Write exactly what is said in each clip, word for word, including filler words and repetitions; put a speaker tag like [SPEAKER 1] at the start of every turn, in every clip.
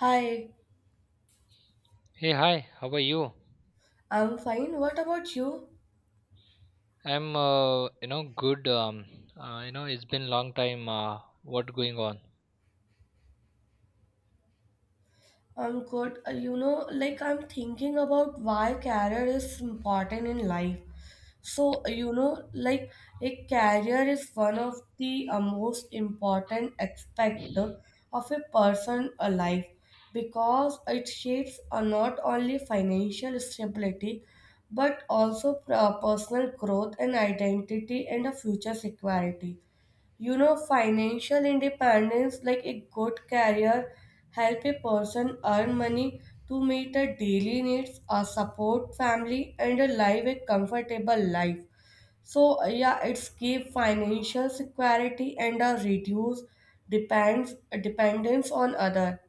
[SPEAKER 1] Hi,
[SPEAKER 2] Hey, hi, how are you?
[SPEAKER 1] I'm fine. What about you?
[SPEAKER 2] I'm, uh, you know, good. Um, uh, you know, it's been long time. Uh, what going on?
[SPEAKER 1] I'm good. Uh, You know, like I'm thinking about why career is important in life. So, uh, you know, like a career is one of the uh, most important aspect of a person' uh, life because it shapes uh, not only financial stability but also uh, personal growth and identity and a future security. You know, financial independence, like a good career, help a person earn money to meet their daily needs, a support family, and a live a comfortable life. So yeah, it's give financial security and a reduce depends dependence on other.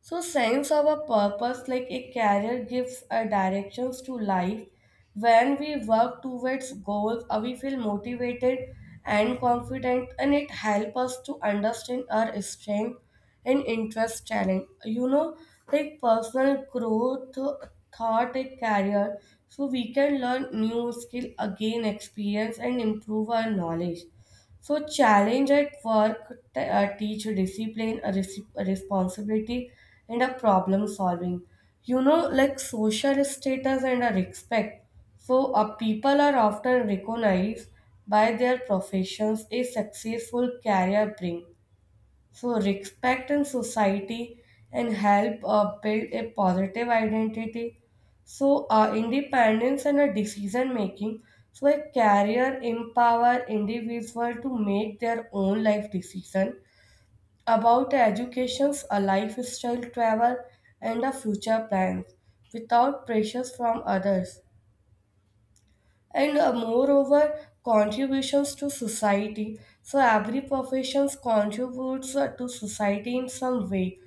[SPEAKER 1] So sense of a purpose like a career gives a directions to life. When we work towards goals, uh, we feel motivated and confident, and it helps us to understand our strength and interest talent. You know, like personal growth uh, thought a career, so we can learn new skill again experience and improve our knowledge. So, challenge at work t- uh, teach discipline, a res a responsibility, and a problem solving. You know, like social status and a respect. So, uh, people are often recognized by their professions, a successful career bring. So respect in society and help uh, build a positive identity. So uh, independence and a decision making. So a career empower individual to make their own life decision about educations, a lifestyle, travel, and a future plans without pressures from others. And uh, moreover, contributions to society. So every profession contributes uh, to society in some way,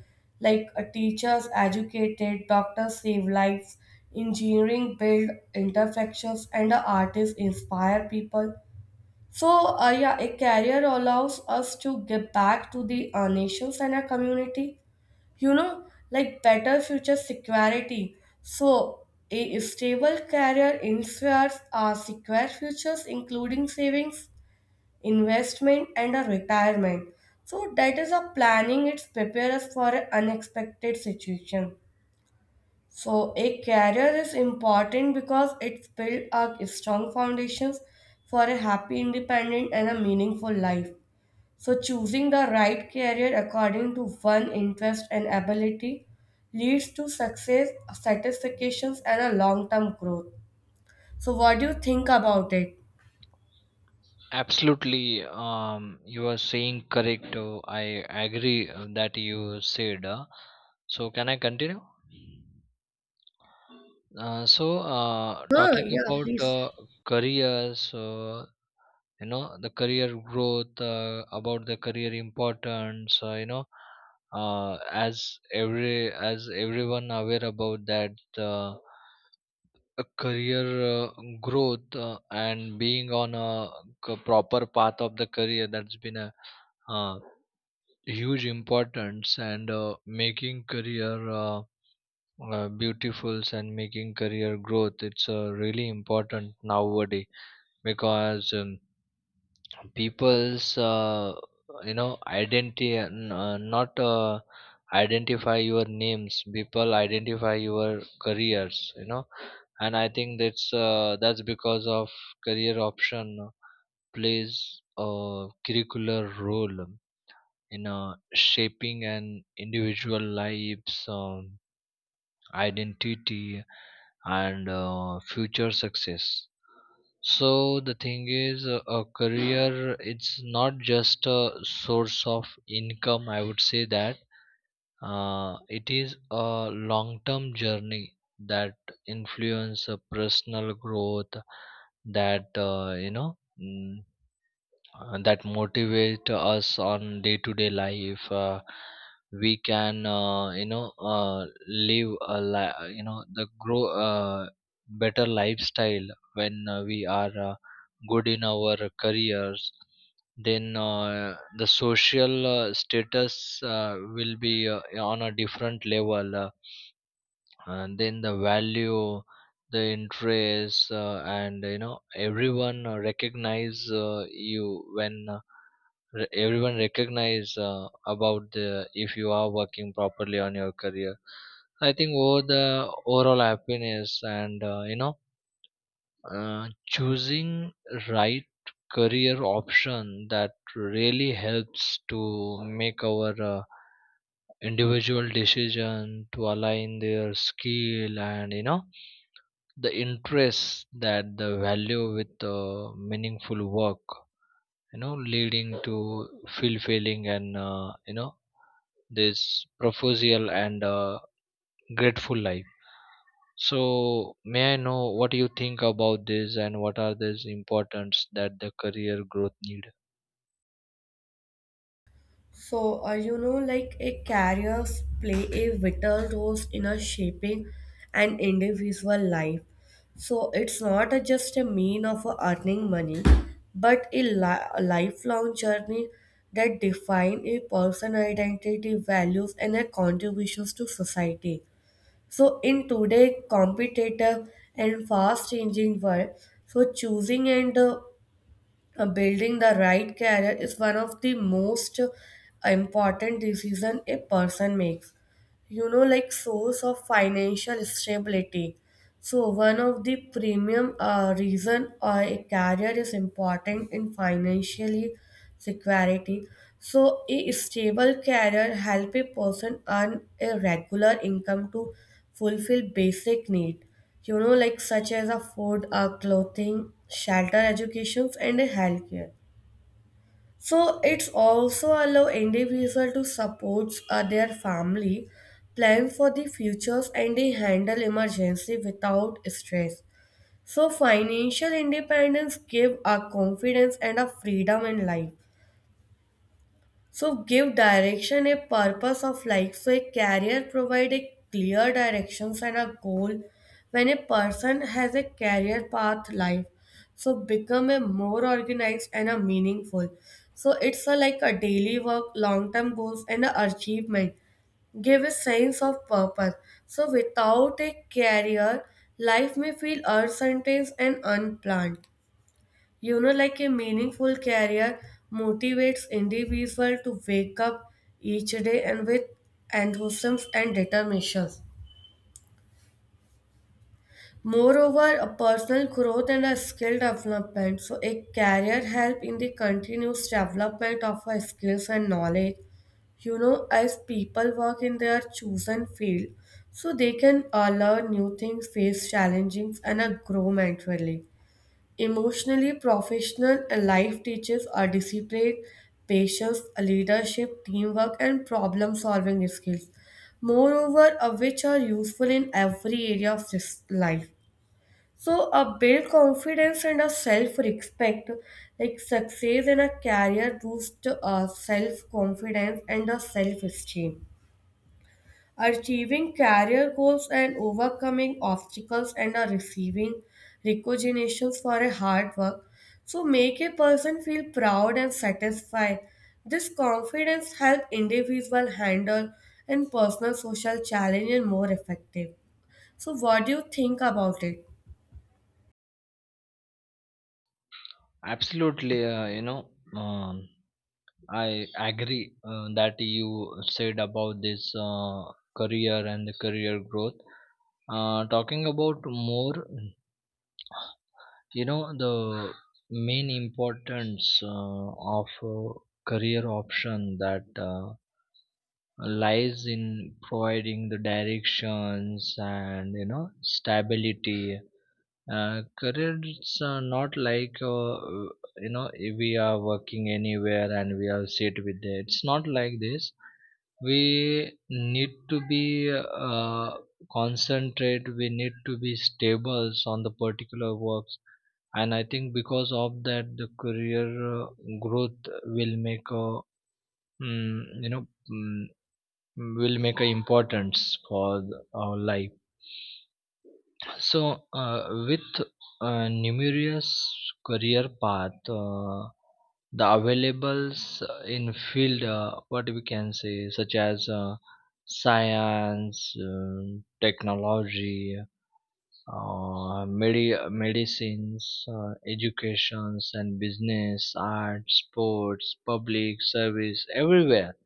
[SPEAKER 1] like uh, teachers educated, doctors save lives, engineering build imperfections, and uh, artists inspire people. So uh, yeah, a career allows us to give back to the uh, nations and our community, you know, like better future security. So a stable career ensures our secure futures, including savings, investment, and a retirement. So that is a planning, it's prepare us for an unexpected situation. So a career is important because it's build a strong foundations for a happy, independent, and a meaningful life. So, choosing the right career according to one interest and ability leads to success, satisfactions, and a long term growth. So, what do you think about it?
[SPEAKER 2] Absolutely. Um, you are saying correct. Uh, I agree uh, that you said. Uh, so, can I continue? Uh, so, uh,
[SPEAKER 1] Huh,
[SPEAKER 2] talking
[SPEAKER 1] yeah,
[SPEAKER 2] about
[SPEAKER 1] please.
[SPEAKER 2] uh, careers, uh, you know, the career growth, uh, about the career importance, uh, you know, uh, as every as everyone aware about that. Uh, a career uh, growth uh, and being on a c- proper path of the career that's been a uh, huge importance and uh, making career uh, uh, beautiful and making career growth it's uh, really important nowadays because um, people's uh, you know identity and, uh, not uh, identify your names, people identify your careers, you know. And I think that's uh, that's because of career option uh, plays a curricular role in uh, shaping an individual life's um, identity and uh, future success. So the thing is, uh, a career, it's not just a source of income. I would say that uh, it is a long term journey that influence uh, personal growth, that uh, you know mm, uh, that motivate us on day to day life. Uh, we can, uh, you know uh, live a li- you know, the grow uh, better lifestyle. When uh, we are uh, good in our careers, then uh, the social uh, status uh, will be uh, on a different level. Uh, and then the value, the interest, uh, and you know, everyone uh, recognize uh, you when uh, re- everyone recognize uh, about the, if you are working properly on your career, I think over the overall happiness and uh, you know uh, choosing right career option, that really helps to make our uh, individual decision to align their skill and, you know, the interests, that the value with uh, meaningful work, you know, leading to fulfilling and uh, you know this proposal and uh, grateful life. So may I know what you think about this, and what are these importance that the career growth need?
[SPEAKER 1] So, uh, you know, like a careers play a vital role in a shaping an individual life. So it's not a just a mean of uh, earning money, but a li- a lifelong journey that define a person identity, values, and their contributions to society. So in today competitive and fast changing world, so choosing and uh, uh, building the right career is one of the most important decisions a person makes, you know, like source of financial stability. So one of the premium uh, reason a career is important in financially security. So a stable career help a person earn a regular income to fulfill basic need, you know, like such as a food, uh, clothing, shelter, educations, and a healthcare. So it's also allow individual to support uh, their family, plan for the futures, and they handle emergency without stress. So financial independence give a confidence and a freedom in life. So give direction a purpose of life. So a career provide a clear directions and a goal. When a person has a career path life, so become a more organized and a meaningful. So it's a, like a daily work, long term goals and a achievement give a sense of purpose. So without a career, life may feel uncertain and unplanned. You know, like a meaningful career motivates individual to wake up each day and with enthusiasm and determination. Moreover, a personal growth and a skill development. So a career help in the continuous development of our skills and knowledge. You know, as people work in their chosen field, so they can uh, learn new things, face challenges, and uh, grow mentally. Emotionally professional, a life teaches are discipline, patience, leadership, teamwork, and problem solving skills. Moreover, uh, which are useful in every area of this life. So, uh, build confidence and a self respect. Like success in a career boosts uh, self confidence and a self esteem. Achieving career goals and overcoming obstacles and are receiving recognitions for a hard work. So make a person feel proud and satisfied. This confidence help individual handle and personal social challenge and more effective. So what do you think about it?
[SPEAKER 2] Absolutely. uh, you know um, I agree uh, that you said about this uh, career and the career growth. Uh, talking about more, you know, the main importance uh, of uh, career option, that uh, lies in providing the directions and, you know, stability. Uh, careers are not like, uh, you know we are working anywhere and we are sit with it. It's not like this. We need to be uh, concentrate. We need to be stable on the particular works, and I think because of that, the career uh, growth will make a mm, you know mm, will make a importance for the our life. So, uh, with uh, numerous career path, uh, the availables in field, uh, what we can say, such as uh, science, um, technology, uh, medi- medicines, uh, educations and business, art, sports, public service, everywhere,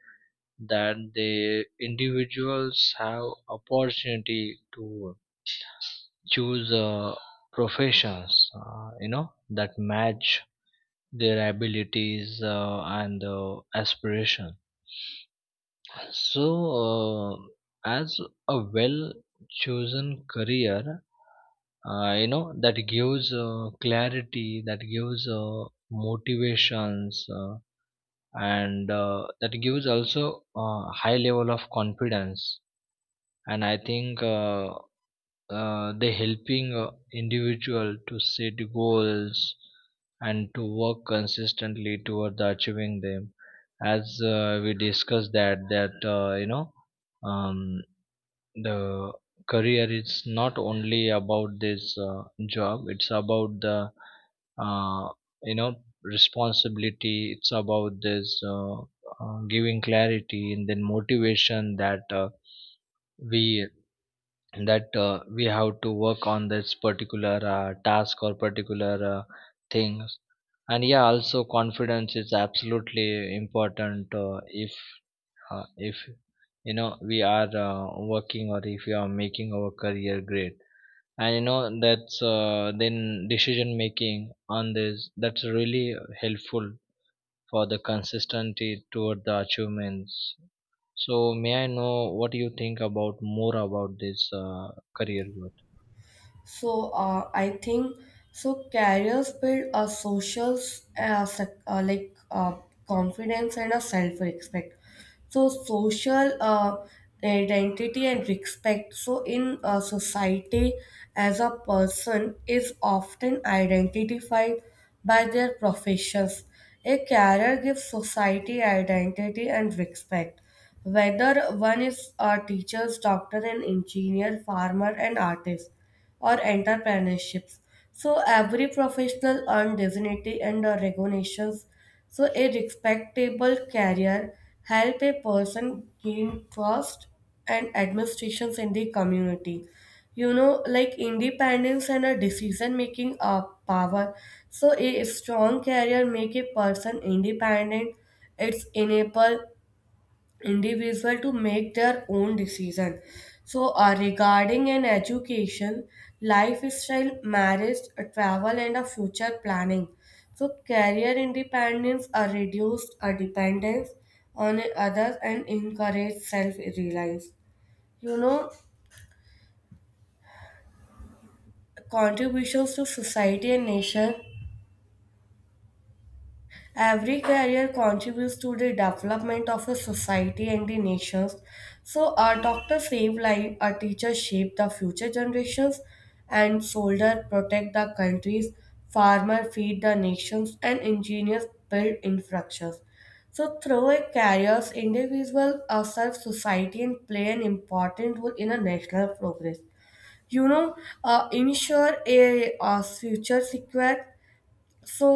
[SPEAKER 2] that the individuals have opportunity to choose uh, professions, uh, you know, that match their abilities uh, and uh, aspiration. So uh, as a well chosen career, uh, you know, that gives uh, clarity, that gives uh, motivations, uh, and uh, that gives also a high level of confidence. And I think uh, uh, they helping uh, individual to set goals and to work consistently toward the achieving them. As uh, we discussed that, that uh, you know um, the career is not only about this uh, job, it's about the uh, you know responsibility, it's about this uh, uh, giving clarity and then motivation, that uh, we that uh, we have to work on this particular uh, task or particular uh, things. And yeah, also confidence is absolutely important, uh, if uh, if, you know, we are uh, working, or if we are making our career great. And you know that's uh, then decision making on this, that's really helpful for the consistency toward the achievements. So may I know what you think about more about this uh, career goal?
[SPEAKER 1] So uh, I think so careers build a social uh, sec- uh, like uh, confidence and a self respect. So social uh, identity and respect. So in uh, society, as a person is often identified by their professions. A career gives society identity and respect. Whether one is a teacher, doctor, an engineer, farmer, and artist or entrepreneurships. So every professional earned dignity and uh, recognitions. So a respectable career help a person gain trust and administrations in the community. You know, like independence and a decision making uh, power. So a strong career make a person independent. It's enable individual to make their own decision, so uh, regarding an education, lifestyle, marriage, uh, travel, and a future planning. So career independence are reduced a dependence on others and encourage self-reliance, you know, contributions to society and nation. Every career contributes to the development of a society and the nations. So, a doctor save life, a teacher shape the future generations, and soldier protect the countries, farmer feed the nations, and engineers build infrastructures. So, through a careers, individual uh, serve society and play an important role in a national progress, you know, uh, ensure a, uh future secure. So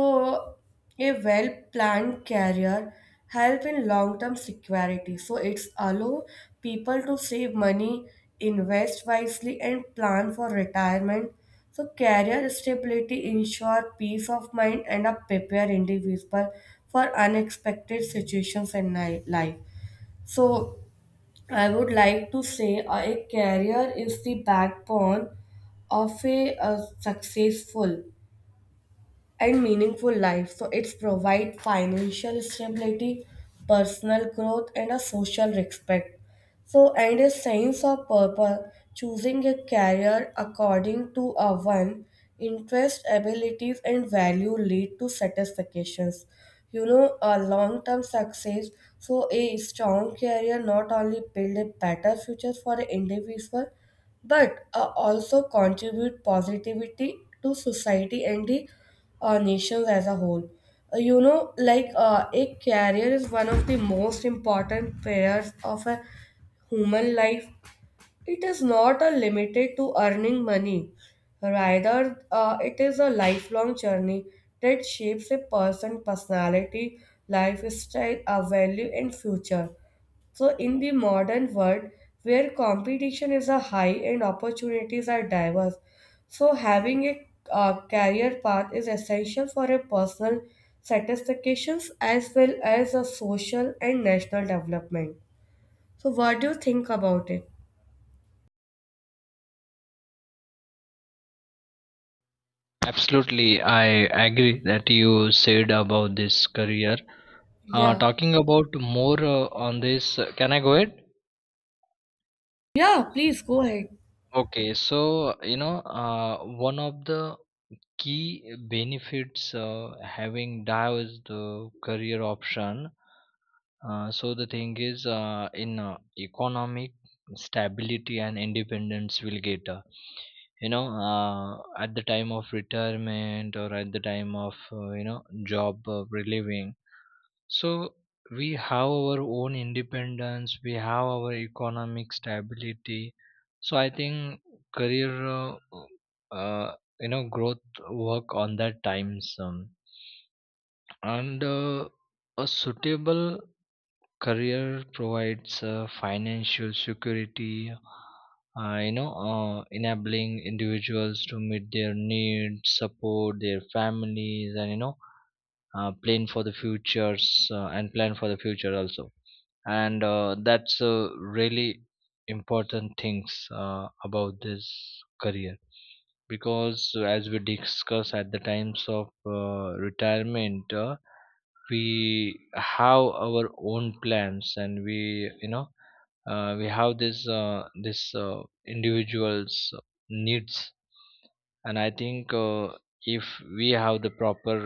[SPEAKER 1] a well-planned career help in long-term security. So it's allow people to save money, invest wisely, and plan for retirement. So career stability ensure peace of mind and a prepare individual for unexpected situations in ni- life. So I would like to say a career is the backbone of a, a successful and meaningful life. So it's provide financial stability, personal growth, and a social respect. So and a sense of purpose, choosing a career according to a one interest, abilities, and value lead to satisfactions. You know, a long-term success. So a strong career not only build a better future for an individual, but uh, also contribute positivity to society and the our nations as a whole. Uh, you know, like uh, a career is one of the most important pillars of a human life. It is not a limited to earning money. Rather, uh, it is a lifelong journey that shapes a person's personality, lifestyle, a value, and future. So, in the modern world where competition is a high and opportunities are diverse, so having a uh, career path is essential for a personal satisfaction as well as a social and national development. So, what do you think about it?
[SPEAKER 2] Absolutely, I agree that you said about this career. Uh,
[SPEAKER 1] Yeah.
[SPEAKER 2] talking about more uh, on this, uh, can I go ahead?
[SPEAKER 1] Yeah, please go ahead.
[SPEAKER 2] Okay, so you know, uh, one of the key benefits uh, having D A O is the career option. Uh, so the thing is, uh, in uh, economic stability and independence will get. Uh, you know uh, at the time of retirement, or at the time of, uh, you know job uh, relieving. So we have our own independence, we have our economic stability. So I think career, uh, uh, you know, growth, work on that times, um, and uh, a suitable career provides uh, financial security, Uh, you know, uh, enabling individuals to meet their needs, support their families, and, you know, uh, plan for the futures uh, and plan for the future also. And uh, that's a really important things uh, about this career, because uh, as we discuss, at the times of uh, retirement, uh, we have our own plans, and we, you know, uh, we have this uh, this uh, individuals needs. And I think uh, if we have the proper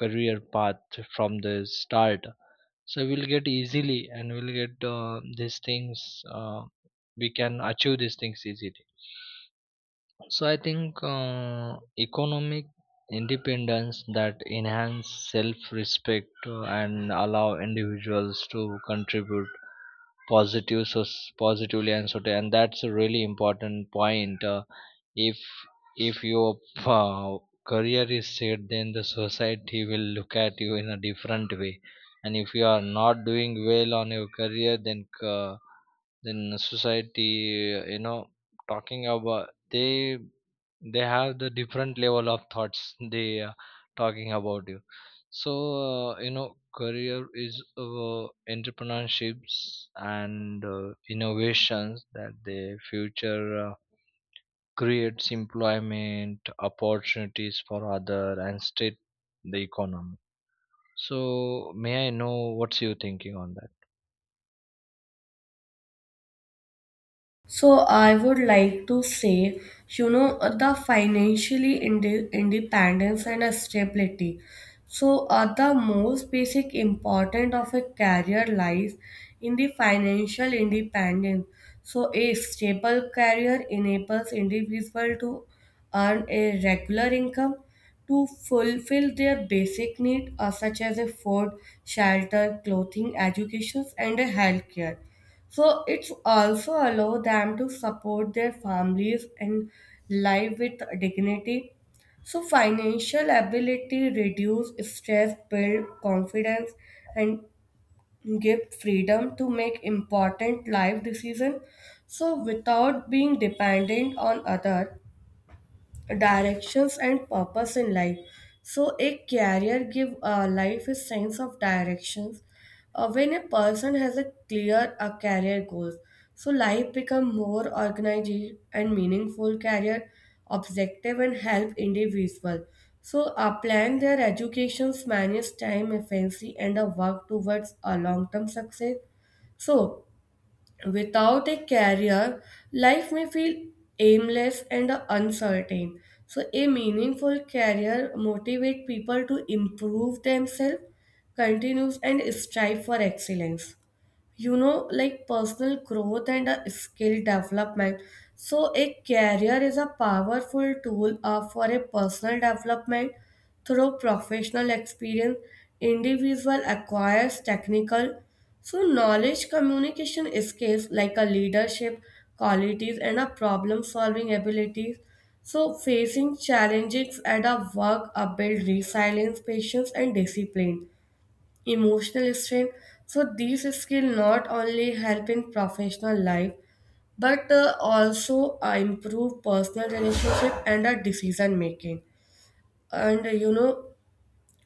[SPEAKER 2] career path from the start, so we'll get easily, and we'll get uh, these things, uh, we can achieve these things easily. So I think uh, economic independence, that enhance self respect and allow individuals to contribute positive so positively. And so, and that's a really important point, uh, if if your uh, career is set, then the society will look at you in a different way. And if you are not doing well on your career, then uh, then society, uh, you know, talking about, they they have the different level of thoughts, they are talking about you. So uh, you know career is uh, entrepreneurships and uh, innovations, that the future uh, creates employment opportunities for other and state the economy. So may I know what's you thinking on that?
[SPEAKER 1] So I would like to say, you know, uh, the financially inde- independence and uh, stability. So uh, the most basic important of a career lies in the financial independence. So a stable career enables individual to earn a regular income to fulfill their basic needs uh, such as a food, shelter, clothing, education, and a healthcare. So it's also allow them to support their families and live with dignity. So financial ability reduce stress, build confidence, and give freedom to make important life decisions. So without being dependent on others, directions and purpose in life. So a career give uh, life a sense of directions. Uh, when a person has a clear uh, career goals, so life become more organized and meaningful career objective and help individual, so uh, plan their educations, manage time efficiency, and a work towards a long term success. So without a career, life may feel aimless and uncertain. So, a meaningful career motivates people to improve themselves, continues, and strive for excellence, you know, like personal growth and uh, skill development. So a career is a powerful tool uh, for a personal development. Through professional experience, individual acquires technical, so knowledge, communication skills, like a leadership qualities and a problem solving abilities. So facing challenges at a work uh, build resilience, patience, and discipline, emotional strength. So these skills not only help in professional life but uh, also uh, improve personal relationship and uh, decision making. And uh, you know,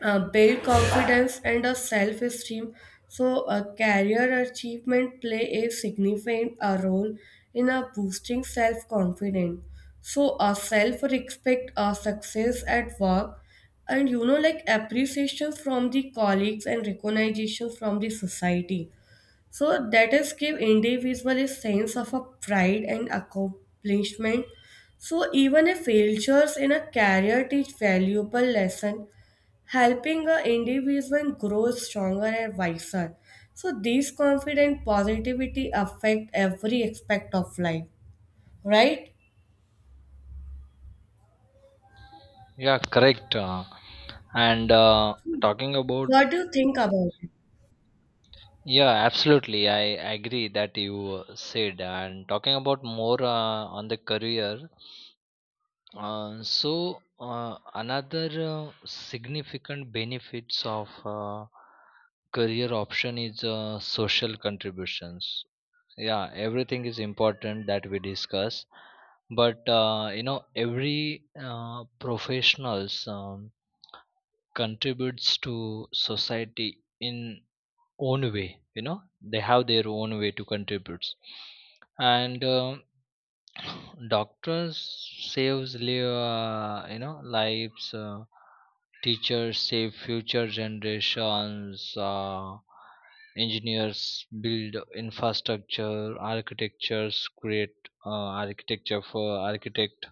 [SPEAKER 1] uh, build confidence and a self esteem. So, a career achievement play a significant uh, role in a boosting self confidence. So, a self respect, a success at work, and you know, like appreciation from the colleagues and recognition from the society. So, that is give individual a sense of a pride and accomplishment. So even a failures in a career teach valuable lesson, helping an individual grow stronger and wiser. So these confident positivity affect every aspect of life, right?
[SPEAKER 2] Yeah, correct. Uh, and uh, Talking about,
[SPEAKER 1] What do you think about it?
[SPEAKER 2] yeah, absolutely, I agree that you uh, said. And talking about more uh, on the career. uh, so uh, Another uh, significant benefits of uh, career option is uh, social contributions. Yeah, everything is important that we discuss, but, uh, you know, every uh, professionals um, contributes to society in own way. You know, they have their own way to contribute. And um Doctors saves li- uh, you know, lives. Uh, teachers save future generations. Uh, engineers build infrastructure. Architectures create uh, architecture for architect.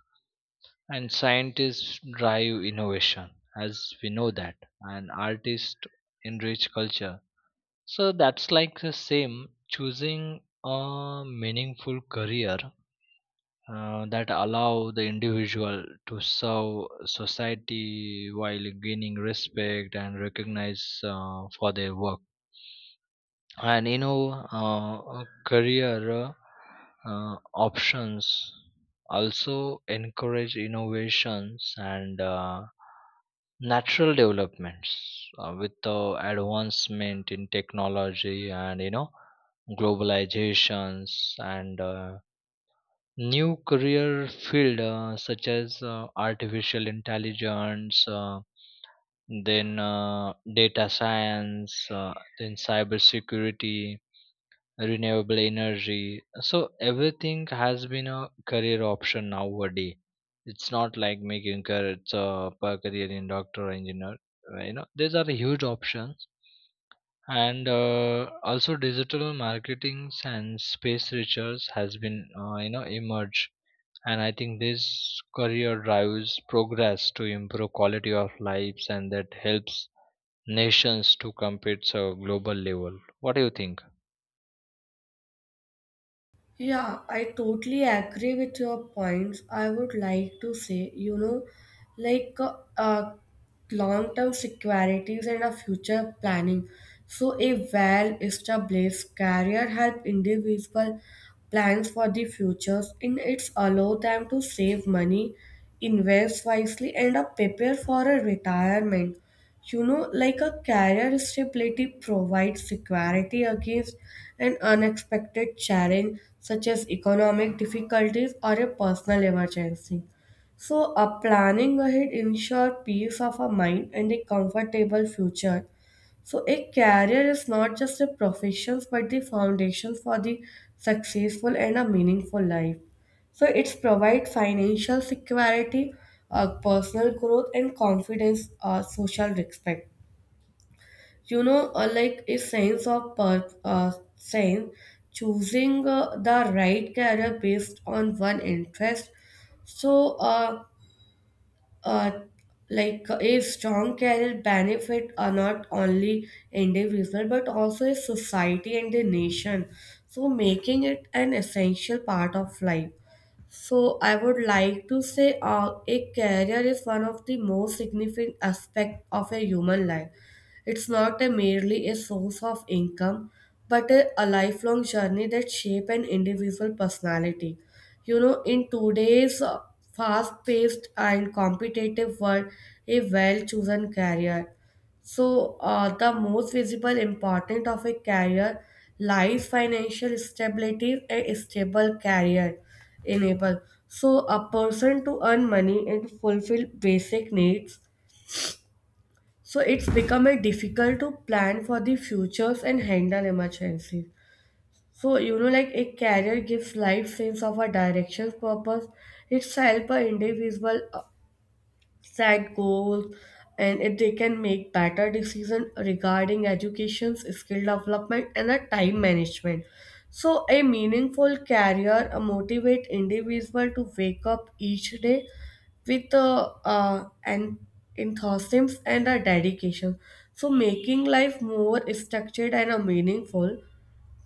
[SPEAKER 2] And scientists drive innovation, as we know that. And artists enrich culture. So that's like the same, choosing a meaningful career uh, that allow the individual to serve society while gaining respect and recognize uh, for their work. And, you know, uh, career uh, options also encourage innovations and uh, natural developments uh, with the advancement in technology and, you know, globalizations. And uh, new career field, uh, such as uh, artificial intelligence, uh, then uh, data science, uh, then cybersecurity, renewable energy, so everything has been a career option nowadays. It's not like making career, it's a per career in doctor or engineer. Uh, you know, these are huge options. And uh, also digital marketing and space research has been, uh, you know emerged. And I think this career drives progress to improve quality of lives, and that helps nations to compete so global level. What do you think?
[SPEAKER 1] Yeah, I totally agree with your points. I would like to say, you know, like uh, uh, long term securities and a future planning. So, a well established career help individual plans for the futures and it's allow them to save money, invest wisely, and uh, prepare for a retirement. You know like a career stability provides security against an unexpected challenge such as economic difficulties or a personal emergency, so a planning ahead ensure peace of a mind and a comfortable future. So a career is not just a profession but the foundation for the successful and a meaningful life. So it's provide financial security, uh, personal growth, and confidence, uh, social respect. You know, uh, like a sense of per- uh, sense, choosing uh, the right career based on one interest. So, uh, uh, like uh, a strong career benefit are not only individual but also a society and the nation, so making it an essential part of life. So I would like to say, uh, a career is one of the most significant aspect of a human life. It's not a merely a source of income, but a, a lifelong journey that shape an individual personality. You know, in today's uh, fast-paced and competitive world, a well-chosen career. So, uh, the most visible importance of a career lies financial stability and a stable career enable. So, a person to earn money and fulfill basic needs, so it's becoming difficult to plan for the futures and handle emergencies. So you know, like a career gives life sense of a direction, purpose. It's help a individual set goals, and if they can make better decision regarding educations skill development and a time management. So a meaningful career uh, motivate individual to wake up each day with uh, uh, an enthusiasm and a dedication, so making life more structured and uh, meaningful.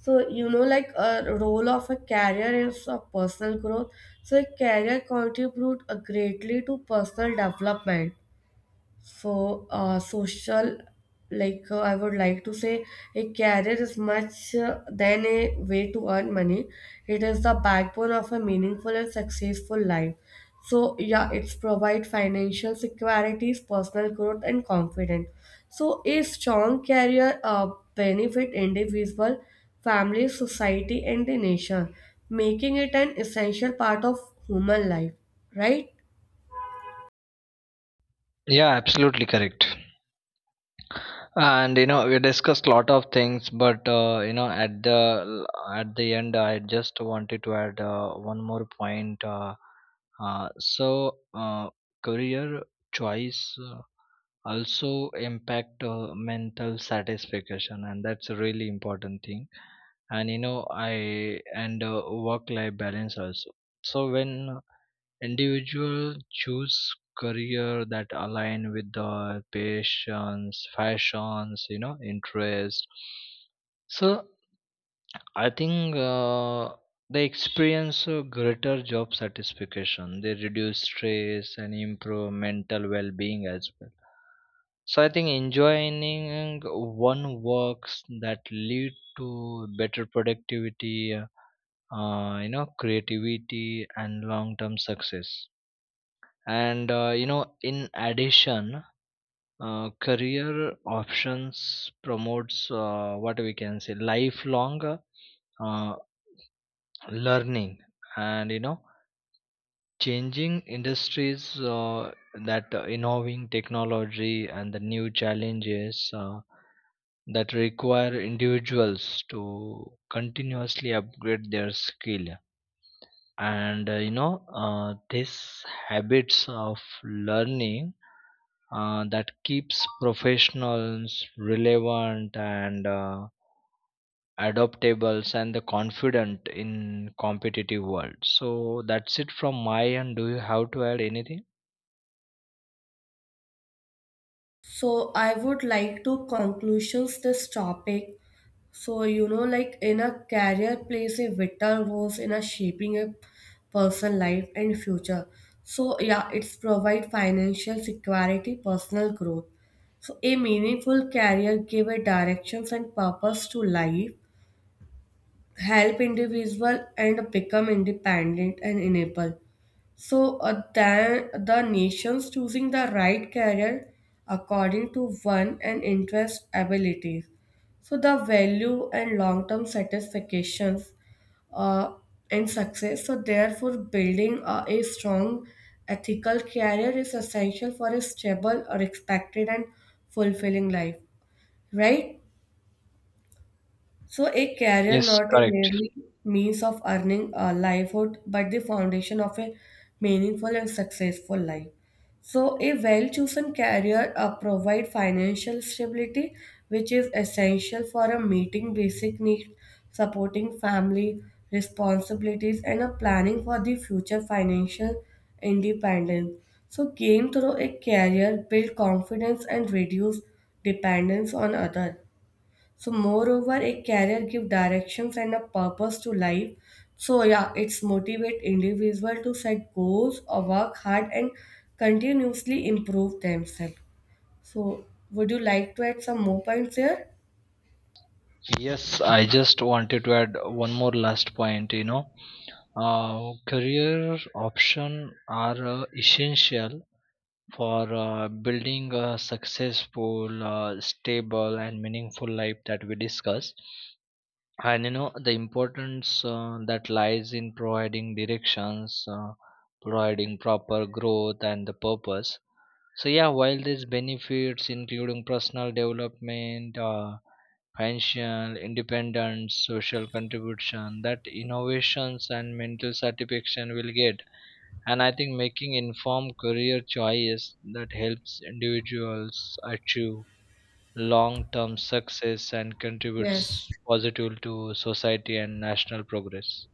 [SPEAKER 1] So, you know, like a role of a career is a personal growth. So, a career contribute uh, greatly to personal development. So, uh, social, like uh, I would like to say, a career is much uh, than a way to earn money. It is the backbone of a meaningful and successful life. So, yeah, it's provide financial securities, personal growth, and confidence. So, a strong career uh, benefit individual, family, society, and the nation, making it an essential part of human life. Right?
[SPEAKER 2] Yeah, absolutely correct. And you know, we discussed a lot of things, but, uh, you know, at the at the end, I just wanted to add uh, one more point. uh, uh, so uh, Career choice uh, also impact uh, mental satisfaction, and that's a really important thing. And you know I and uh, work life balance also. So when individual choose career that align with their passions, fashions, you know, interests. So I think uh, they experience a greater job satisfaction. They reduce stress and improve mental well-being as well. So I think enjoying one works, that lead to better productivity, uh, you know, creativity and long-term success. And, uh, you know, in addition, uh, career options promotes uh, what we can say, lifelong uh, learning. And, you know, changing industries uh, that uh, involving technology and the new challenges, uh, that require individuals to continuously upgrade their skill. And uh, you know uh, these habits of learning, uh, that keeps professionals relevant and uh, adaptables and the confident in competitive world. So that's it from my end, do you have to add anything?
[SPEAKER 1] So I would like to conclusions this topic. So you know, like in a career plays a vital role in a shaping a person life and future. So yeah, it's provide financial security, personal growth. So a meaningful career give a directions and purpose to life, help individual and become independent and enable. So uh, then the nations choosing the right career according to one and interest abilities. So the value and long-term satisfactions uh, and success. So therefore building uh, a strong ethical career is essential for a stable or expected and fulfilling life. Right? So, a career
[SPEAKER 2] Yes,
[SPEAKER 1] not a
[SPEAKER 2] correct.
[SPEAKER 1] merely means of earning a livelihood, but the foundation of a meaningful and successful life. So, a well chosen career uh, provides financial stability, which is essential for a meeting basic needs, supporting family responsibilities, and a planning for the future financial independence. So, gain through a career build confidence and reduce dependence on others. So, moreover, a career give directions and a purpose to life. So, yeah, it's motivate individual to set goals or work hard and continuously improve themselves. So, would you like to add some more points here?
[SPEAKER 2] Yes, I just wanted to add one more last point. You know, uh, career option are uh, essential for uh, building a successful, uh, stable, and meaningful life, that we discussed. And you know, the importance uh, that lies in providing directions, uh, providing proper growth, and the purpose. So, yeah, while these benefits, including personal development, uh, financial independence, social contribution, that innovations and mental satisfaction will get. And I think making informed career choice, that helps individuals achieve long term success and
[SPEAKER 1] Yes.
[SPEAKER 2] contributes positively to society and national progress.